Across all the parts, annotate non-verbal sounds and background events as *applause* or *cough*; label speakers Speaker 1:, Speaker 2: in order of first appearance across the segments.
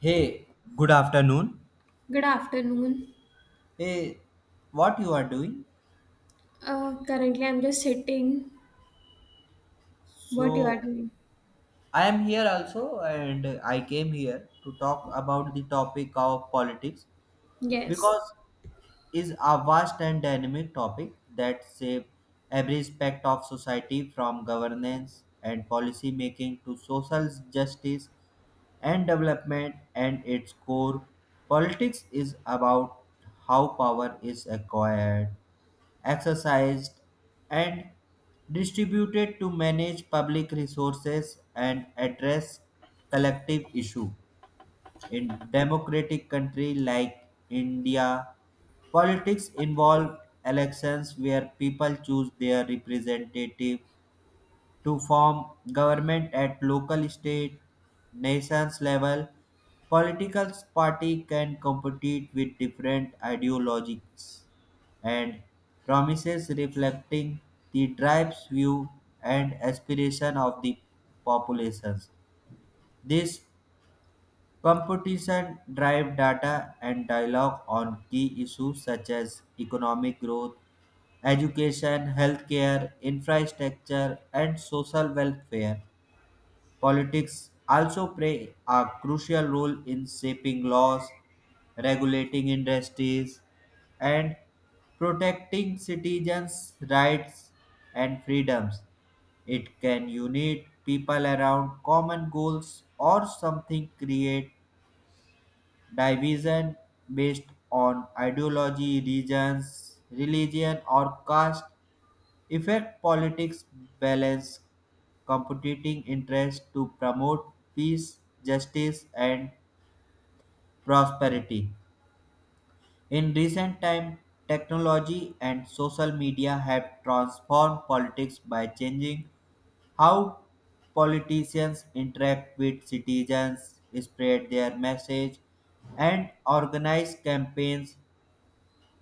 Speaker 1: Hey, good afternoon.
Speaker 2: Good afternoon.
Speaker 1: Hey, what you are doing?
Speaker 2: Currently, I'm just sitting. What you are
Speaker 1: So
Speaker 2: doing?
Speaker 1: I am here also, and I came here to talk about the topic of politics
Speaker 2: Yes.
Speaker 1: because is a vast and dynamic topic that shape every aspect of society from governance and policy making to social justice and development and its core politics is about how power is acquired exercised, and distributed to manage public resources and address collective issue. In democratic country like India, politics involve elections where people choose their representative to form government at local, state, nations level. Political party can compete with different ideologies and promises reflecting the tribe's view and aspiration of the populations. This competition drive data and dialogue on key issues such as economic growth, education, healthcare, infrastructure, and social welfare. Politics also play a crucial role in shaping laws, regulating industries, and protecting citizens' rights and freedoms. It can unite people around common goals or something create division based on ideology, regions, religion, or caste. Effect politics balance competing interests to promote peace, justice, and prosperity. In recent time, technology and social media have transformed politics by changing how politicians interact with citizens, spread their message, and organize campaigns.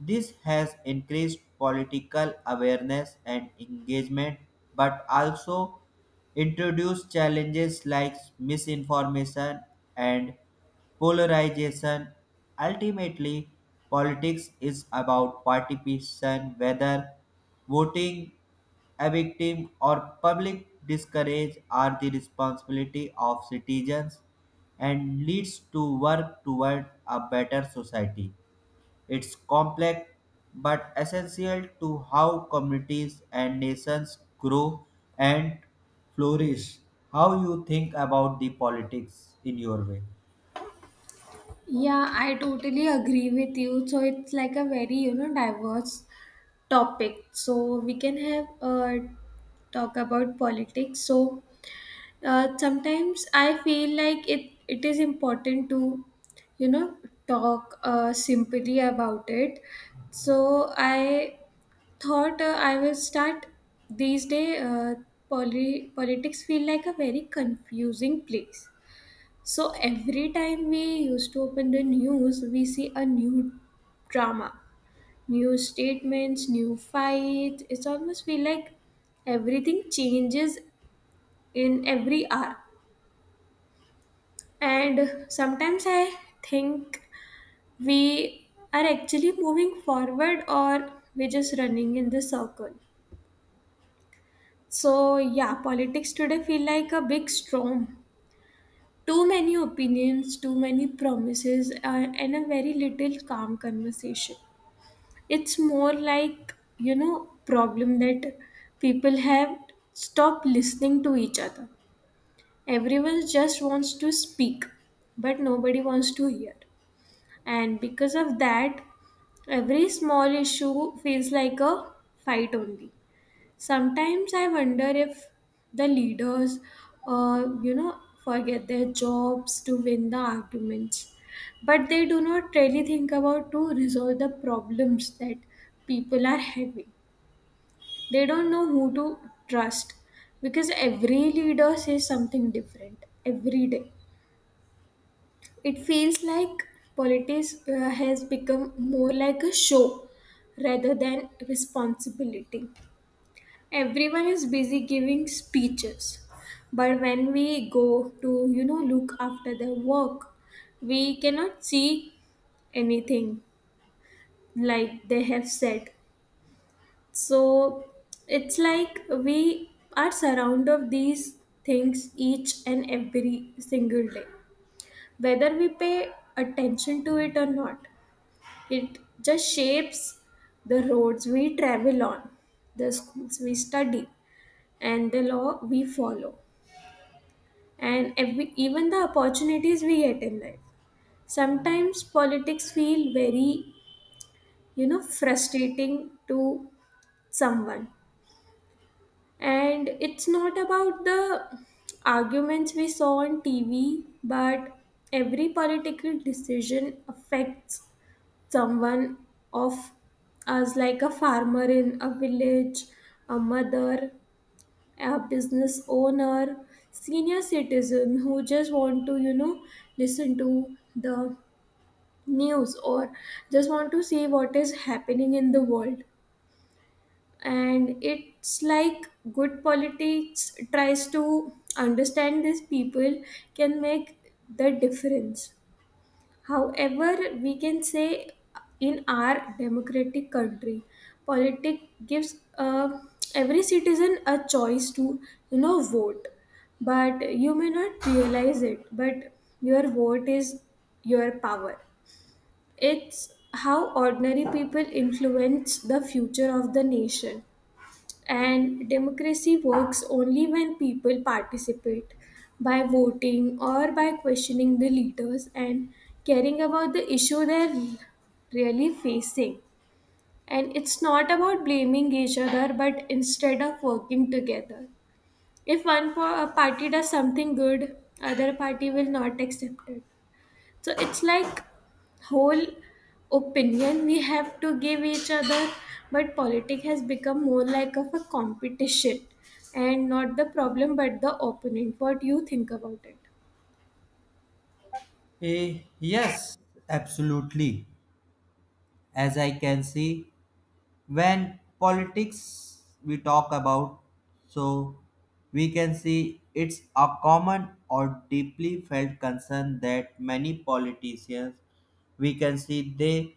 Speaker 1: This has increased political awareness and engagement, but also introduced challenges like misinformation and polarization. Ultimately, politics is about participation, whether voting a victim or public discourage are the responsibility of citizens and leads to work toward a better society. It's complex but essential to how communities and nations grow and flourish. How you think about the politics in your way?
Speaker 2: Yeah, I totally agree with you. So it's like a very diverse topic. So we can have talk about politics. Sometimes I feel like it is important to you know talk simply about it. So I thought I will start these day. Politics feel like a very confusing place. So every time we used to open the news, we see a new drama, new statements, new fight. It's almost feel like everything changes in every hour. And sometimes I think we are actually moving forward or we're just running in the circle. So yeah, politics today feel like a big storm. Too many opinions, too many promises, and a very little calm conversation. It's more like problem that people have stopped listening to each other. Everyone just wants to speak, but nobody wants to hear. And because of that, every small issue feels like a fight only. Sometimes I wonder if the leaders forget their jobs to win the arguments, but they do not really think about to resolve the problems that people are having. They don't know who to trust because every leader says something different every day. It feels like politics has become more like a show rather than responsibility. Everyone is busy giving speeches, but when we go to look after their work, we cannot see anything like they have said. So it's like we are surrounded of these things each and every single day, whether we pay attention to it or not. It just shapes the roads we travel on, the schools we study, and the law we follow, and every, even the opportunities we get in life. Sometimes politics feel very, frustrating to someone. And it's not about the arguments we saw on TV, but every political decision affects someone of us, like a farmer in a village, a mother, a business owner, senior citizen who just want to, listen to the news or just want to see what is happening in the world. And it's like good politics tries to understand these people can make the difference. However, we can say in our democratic country, politics gives every citizen a choice to vote, but you may not realize it. But your vote is your power. It's how ordinary people influence the future of the nation. And democracy works only when people participate by voting or by questioning the leaders and caring about the issue they're really facing. And it's not about blaming each other, but instead of working together. If one party does something good, other party will not accept it. So it's like whole opinion we have to give each other, but politics has become more like of a competition, and not the problem but the opponent. What you think about it?
Speaker 1: Eh, yes, absolutely. As I can see, when politics we talk about, so we can see it's a common or deeply felt concern that many politicians we can see they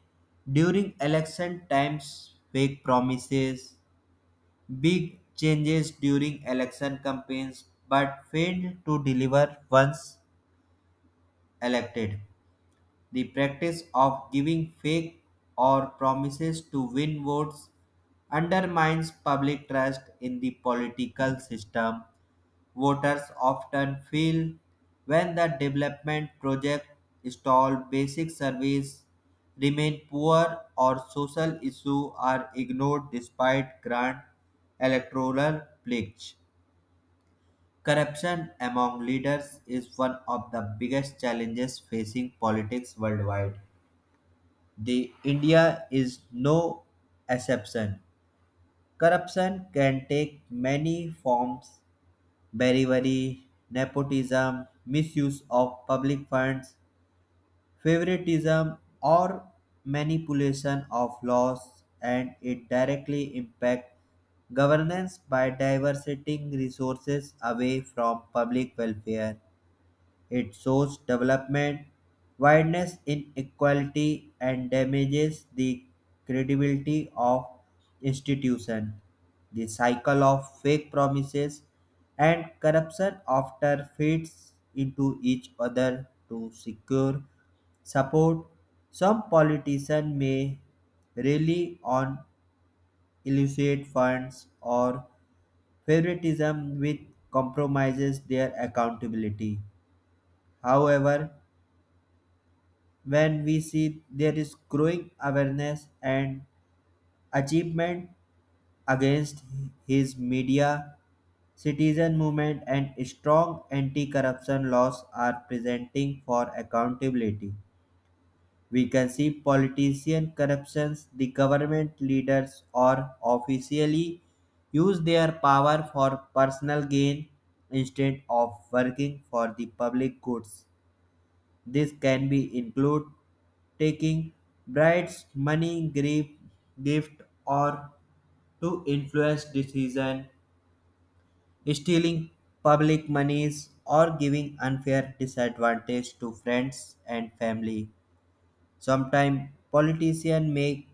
Speaker 1: during election times fake promises, big changes during election campaigns but failed to deliver once elected. The practice of giving fake or promises to win votes undermines public trust in the political system. Voters often feel when the development project stall, basic service remain poor, or social issues are ignored despite grand electoral pledge. Corruption among leaders is one of the biggest challenges facing politics worldwide. The India is no exception. Corruption can take many forms: bribery, nepotism, misuse of public funds, favoritism, or manipulation of laws, and it directly impacts governance by diverting resources away from public welfare. It shows development, wideness inequality, and damages the credibility of institution. The cycle of fake promises and corruption often feeds into each other to secure support. Some politicians may rely on illicit funds or favoritism, which compromises their accountability. However, when we see there is growing awareness and achievement against his media, citizen movement and strong anti-corruption laws are presenting for accountability. We can see politician corruptions, the government leaders or officially use their power for personal gain instead of working for the public goods. This can be include taking bride's money, grief, gift, or to influence decision, stealing public monies, or giving unfair disadvantage to friends and family. Sometimes politicians make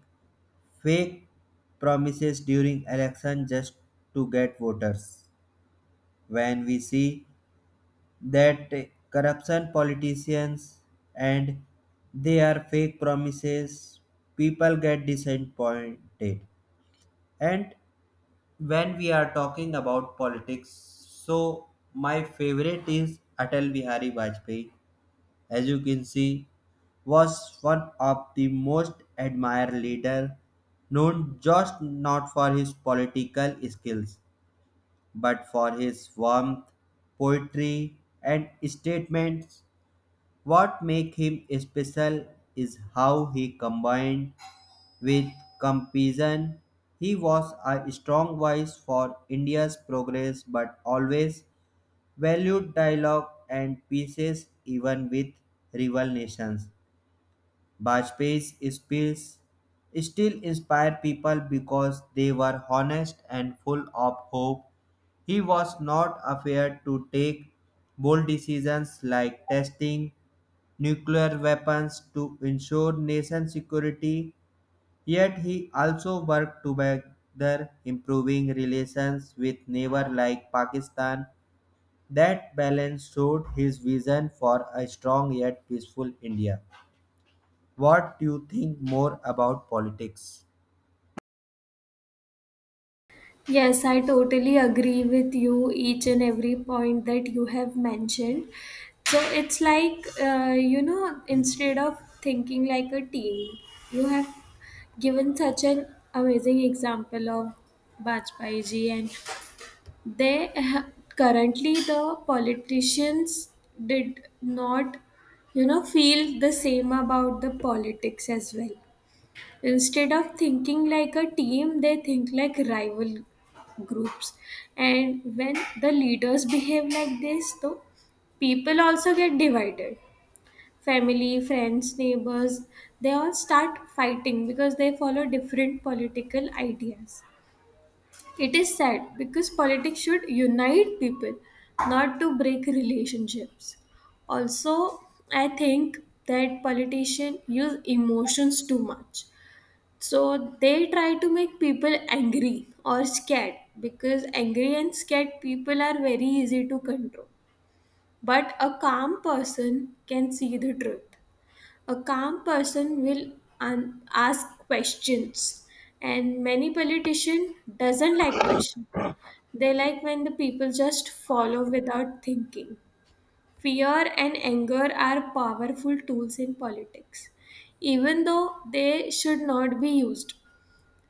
Speaker 1: fake promises during election just to get voters. When we see that corruption politicians and they are fake promises, people get disappointed. And when we are talking about politics, so my favorite is Atal Bihari Vajpayee, as you can see, was one of the most admired leader, known just not for his political skills but for his warmth, poetry, and statements. What makes him special is how he combined with compassion. He was a strong voice for India's progress but always valued dialogue and peace even with rival nations. Bajpayee's speeches still inspire people because they were honest and full of hope. He was not afraid to take bold decisions like testing nuclear weapons to ensure nation security, yet he also worked together improving relations with neighbor like Pakistan. That balance showed his vision for a strong yet peaceful India. What do you think more about politics?
Speaker 2: Yes, I totally agree with you, each and every point that you have mentioned. So it's like, instead of thinking like a team, you have given such an amazing example of Bajpai ji. And they *laughs* currently the politicians did not, feel the same about the politics as well. Instead of thinking like a team, they think like rival groups. And when the leaders behave like this, though, people also get divided. Family, friends, neighbors, they all start fighting because they follow different political ideas. It is sad because politics should unite people, not to break relationships. Also, I think that politicians use emotions too much. So they try to make people angry or scared because angry and scared people are very easy to control. But a calm person can see the truth. A calm person will ask questions, and many politician doesn't like questions. They like when the people just follow without thinking. Fear and anger are powerful tools in politics, even though they should not be used.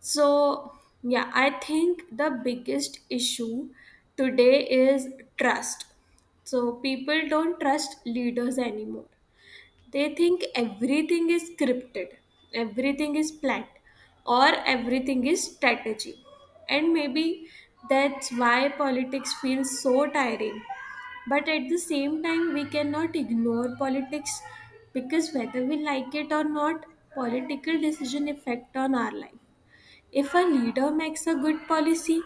Speaker 2: So, yeah, I think the biggest issue today is trust. So, people don't trust leaders anymore. They think everything is scripted, everything is planned, or everything is strategy, and maybe that's why politics feels so tiring. But at the same time we cannot ignore politics, because whether we like it or not, political decision affect on our life. If a leader makes a good policy,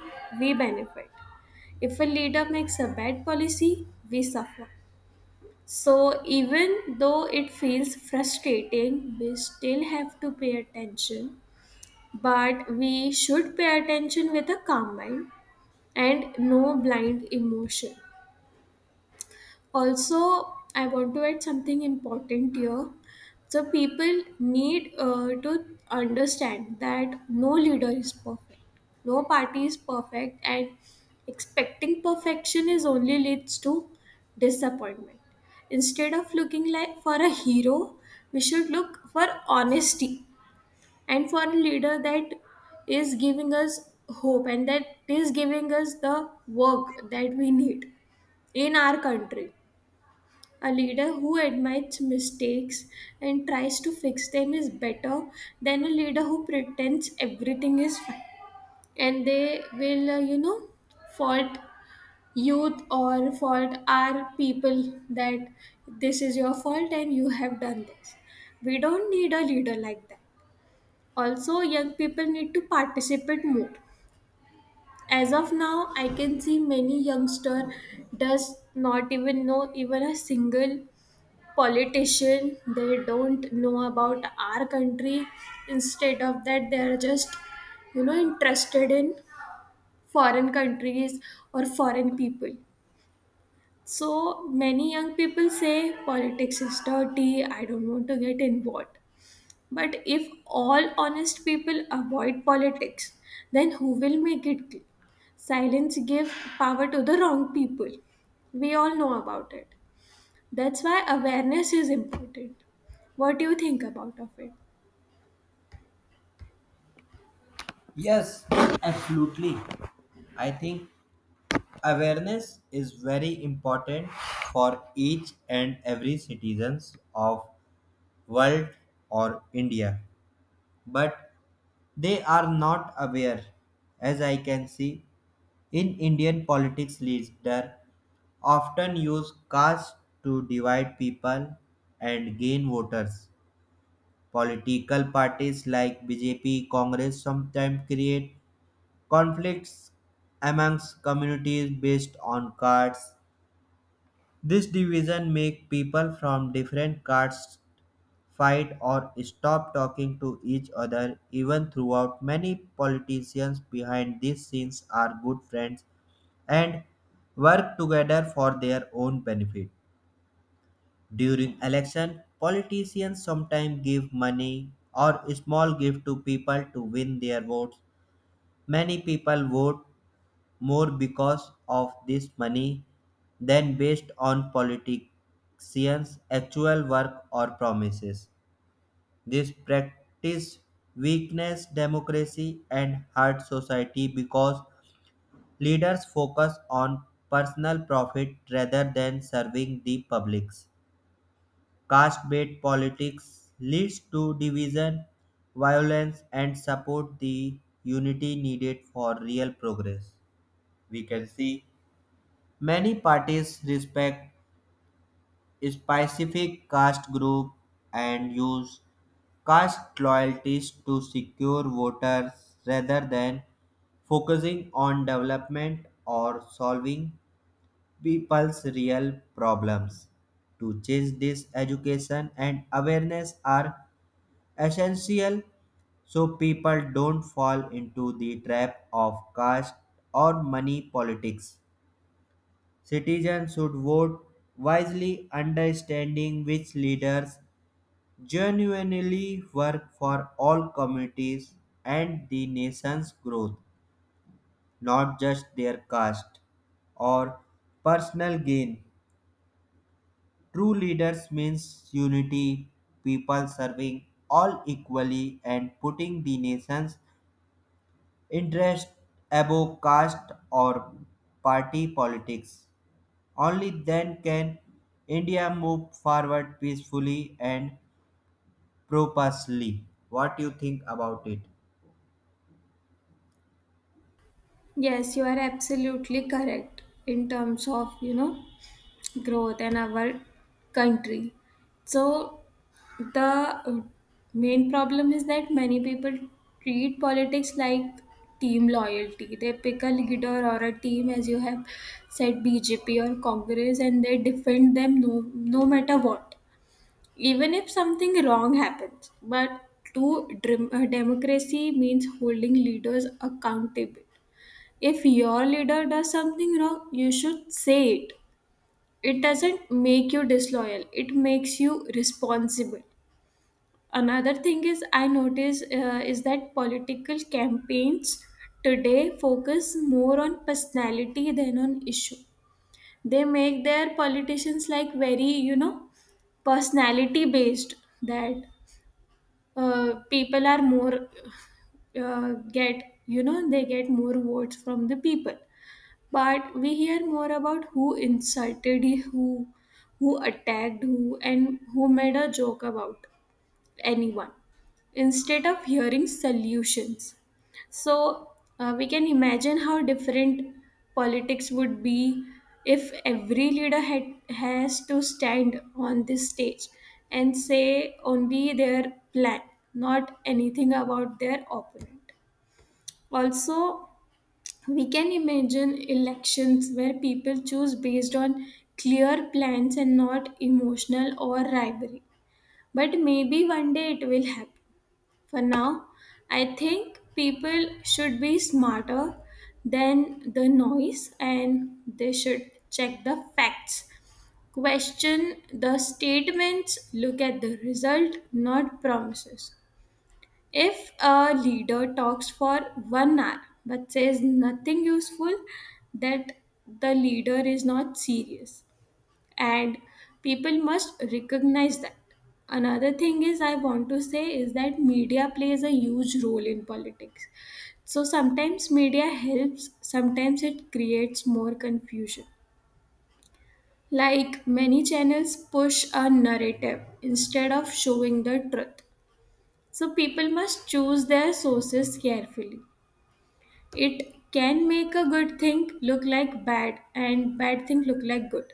Speaker 2: we benefit. If a leader makes a bad policy, we suffer. So even though it feels frustrating, we still have to pay attention. But we should pay attention with a calm mind and no blind emotion. Also, I want to add something important here. So people need to understand that no leader is perfect, no party is perfect, and expecting perfection is only leads to disappointment. Instead of looking like for a hero, we should look for honesty, and for a leader that is giving us hope and that is giving us the work that we need in our country. A leader who admits mistakes and tries to fix them is better than a leader who pretends everything is fine. And they will, fault youth or fault our people that this is your fault and you have done this. We don't need a leader like that. Also, young people need to participate more. As of now, I can see many youngster does not even know even a single politician. They don't know about our country. Instead of that they are just interested in foreign countries or foreign people. So many young people say politics is dirty, I don't want to get involved. But if all honest people avoid politics, then who will make it clean? Silence gives power to the wrong people. We all know about it. That's why awareness is important. What do you think about of it?
Speaker 1: Yes, absolutely. I think awareness is very important for each and every citizens of world or India, but they are not aware, as I can see. In Indian politics, leaders often use caste to divide people and gain voters. Political parties like BJP, Congress sometimes create conflicts amongst communities based on castes. This division makes people from different castes fight or stop talking to each other, even throughout many politicians behind these scenes are good friends and work together for their own benefit. During election, politicians sometimes give money or small gift to people to win their votes. Many people vote more because of this money than based on politicians actual work or promises. This practice weakens democracy and hurts society because leaders focus on personal profit rather than serving the publics. Caste-based politics leads to division, violence, and support the unity needed for real progress. We can see many parties respect specific caste group and use caste loyalties to secure voters rather than focusing on development or solving people's real problems. To change this, education and awareness are essential so people don't fall into the trap of caste or money politics. Citizens should vote wisely, understanding which leaders genuinely work for all communities and the nation's growth, not just their caste or personal gain. True leaders means unity, people serving all equally and putting the nation's interest above caste or party politics. Only then can India move forward peacefully and purposely. What do you think about it?
Speaker 2: Yes, you are absolutely correct in terms of, growth in our country. So the main problem is that many people treat politics like team loyalty. They pick a leader or a team, as you have said, BJP or Congress, and they defend them, no matter what, even if something wrong happens. But true democracy means holding leaders accountable. If your leader does something wrong, you should say it. It doesn't make you disloyal, it makes you responsible. Another thing is, I notice is that political campaigns today focus more on personality than on issue. They make their politicians like very, personality based, that people are more get they get more votes from the people. But we hear more about who insulted who who attacked who, and who made a joke about anyone instead of hearing solutions. So we can imagine how different politics would be if every leader has to stand on this stage and say only their plan, not anything about their opponent. Also, we can imagine elections where people choose based on clear plans and not emotional or rivalry. But maybe one day it will happen. For now, I think people should be smarter than the noise and they should check the facts, question the statements, look at the result, not promises. If a leader talks for 1 hour but says nothing useful, that the leader is not serious and people must recognize that. Another thing is I want to say is that media plays a huge role in politics. So sometimes media helps, sometimes it creates more confusion. Like many channels push a narrative instead of showing the truth, so people must choose their sources carefully. It can make a good thing look like bad and bad thing look like good.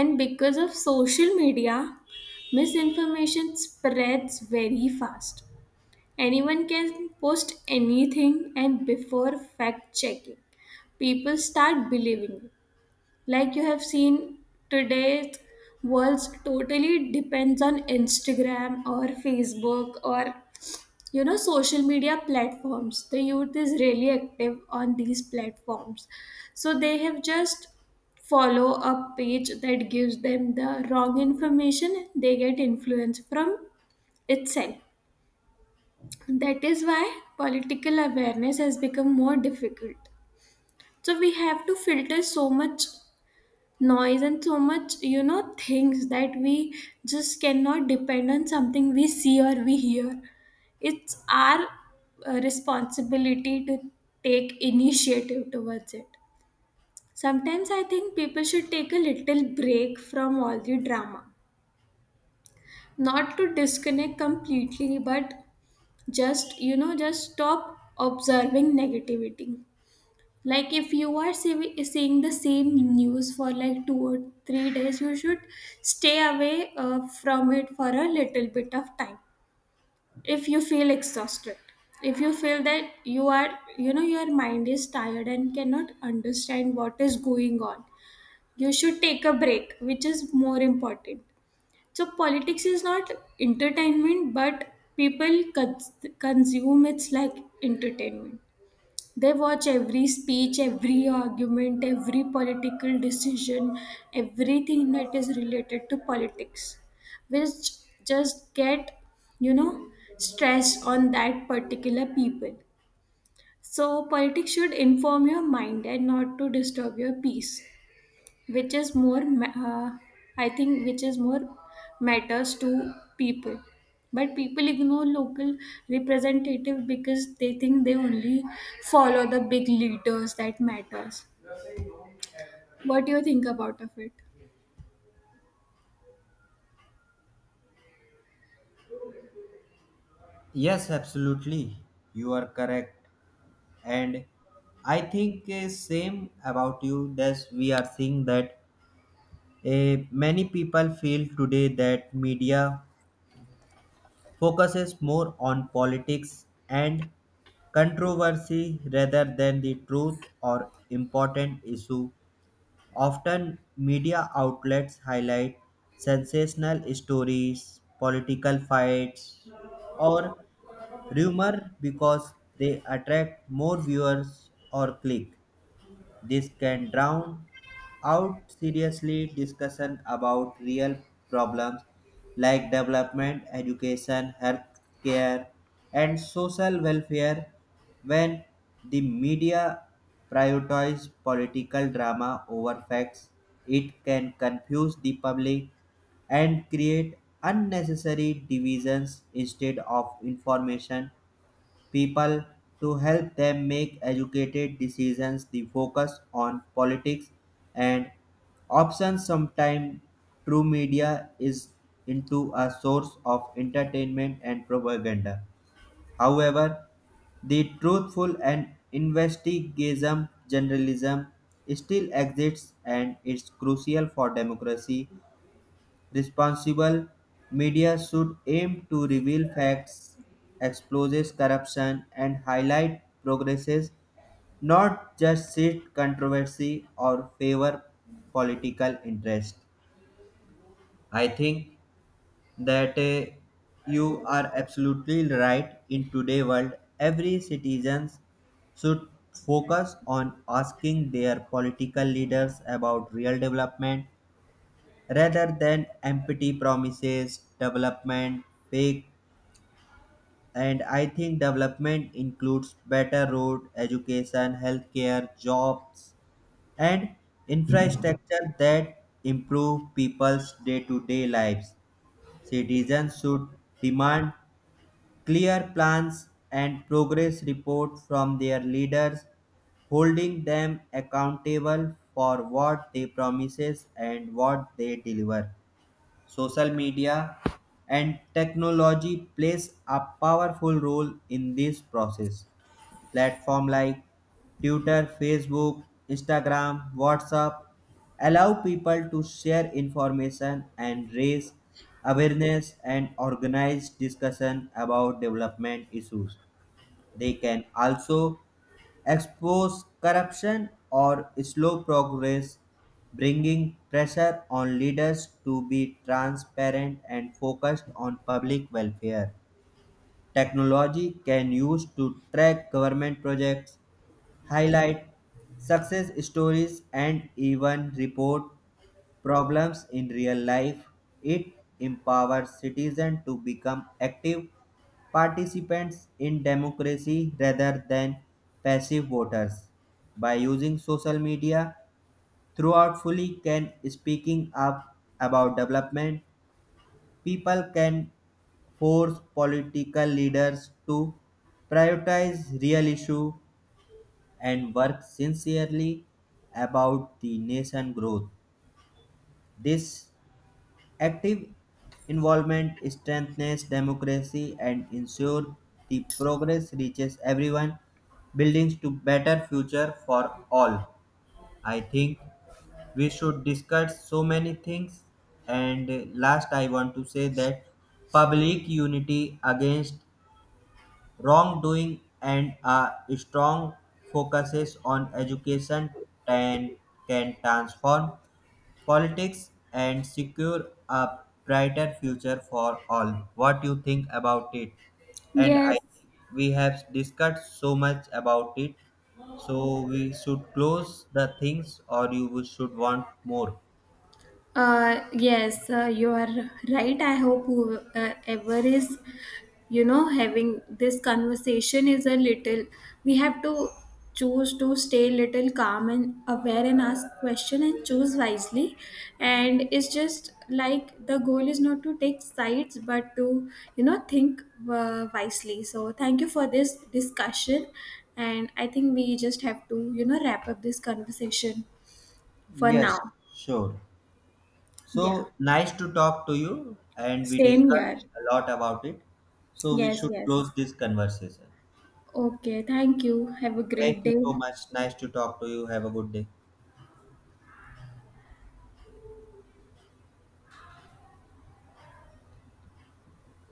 Speaker 2: And because of social media, misinformation spreads very fast. Anyone can post anything, and before fact checking, people start believing it. Like you have seen, today's world totally depends on Instagram or Facebook or social media platforms. The youth is really active on these platforms, so they have just follow a page that gives them the wrong information, they get influence from itself. That is why political awareness has become more difficult. So we have to filter so much noise and so much things that we just cannot depend on something we see or we hear. It's our responsibility to take initiative towards it. Sometimes I think people should take a little break from all the drama, not to disconnect completely, but just just stop observing negativity. Like if you are seeing the same news for like 2 or 3 days, you should stay away from it for a little bit of time. If you feel exhausted, if you feel that you are your mind is tired and cannot understand what is going on, you should take a break, which is more important. So politics is not entertainment, but people consume it's like entertainment. They watch every speech, every argument, every political decision, everything that is related to politics, which just get, you know, stress on that particular people. So, politics should inform your mind and not to disturb your peace, which is more I think which is more matters to people. But people ignore local representative because they think they only follow the big leaders that matters. What do you think about of it?
Speaker 1: Yes, absolutely. You are correct. And I think same about you, that we are seeing that many people feel today that media focuses more on politics and controversy rather than the truth or important issue. Often media outlets highlight sensational stories, political fights, or rumor because they attract more viewers or click. This can drown out seriously discussion about real problems like development, education, health care, and social welfare. When the media prioritize political drama over facts, it can confuse the public and create unnecessary divisions instead of information people to help them make educated decisions. The focus on politics and options sometimes true media is into a source of entertainment and propaganda. However, the truthful and investigative journalism still exists and is crucial for democracy. Responsible media should aim to reveal facts, expose corruption, and highlight progresses, not just seek controversy or favor political interest. I think that you are absolutely right. In today's world, every citizen should focus on asking their political leaders about real development rather than empty promises, development, fake, and I think development includes better road, education, healthcare, jobs, and infrastructure that improve people's day-to-day lives. Citizens should demand clear plans and progress report from their leaders, holding them accountable for what they promises and what they deliver. Social media and technology plays a powerful role in this process. Platform like Twitter, Facebook, Instagram, WhatsApp allow people to share information and raise awareness and organize discussion about development issues. They can also expose corruption or slow progress, bringing pressure on leaders to be transparent and focused on public welfare. Technology can use to track government projects, highlight success stories and even report problems in real life. It empowers citizens to become active participants in democracy rather than passive voters. By using social media throughout fully can speaking up about development, people can force political leaders to prioritize real issue and work sincerely about the nation growth. This active involvement strengthens democracy and ensures the progress reaches everyone, building to better future for all. I think we should discuss so many things, and last I want to say that public unity against wrongdoing and a strong focuses on education and can transform politics and secure a brighter future for all. What you think about it? And I
Speaker 2: Yes,
Speaker 1: think we have discussed so much about it, so we should close the things, or you should want more.
Speaker 2: yes, you are right. I hope whoever is having this conversation is a little, we have to choose to stay little calm and aware and ask question and choose wisely. And it's just like the goal is not to take sides but to think wisely. So thank you for this discussion, and I think we just have to wrap up this conversation for
Speaker 1: Yes,
Speaker 2: now.
Speaker 1: sure.
Speaker 2: Yeah,
Speaker 1: So nice to talk to you, and we
Speaker 2: same
Speaker 1: discussed
Speaker 2: here.
Speaker 1: a lot about it. So we
Speaker 2: Yes,
Speaker 1: should close
Speaker 2: yes.
Speaker 1: this conversation.
Speaker 2: Okay, thank you, have a
Speaker 1: Thank
Speaker 2: great
Speaker 1: you
Speaker 2: day.
Speaker 1: so much. Nice to talk to you. Have a good day.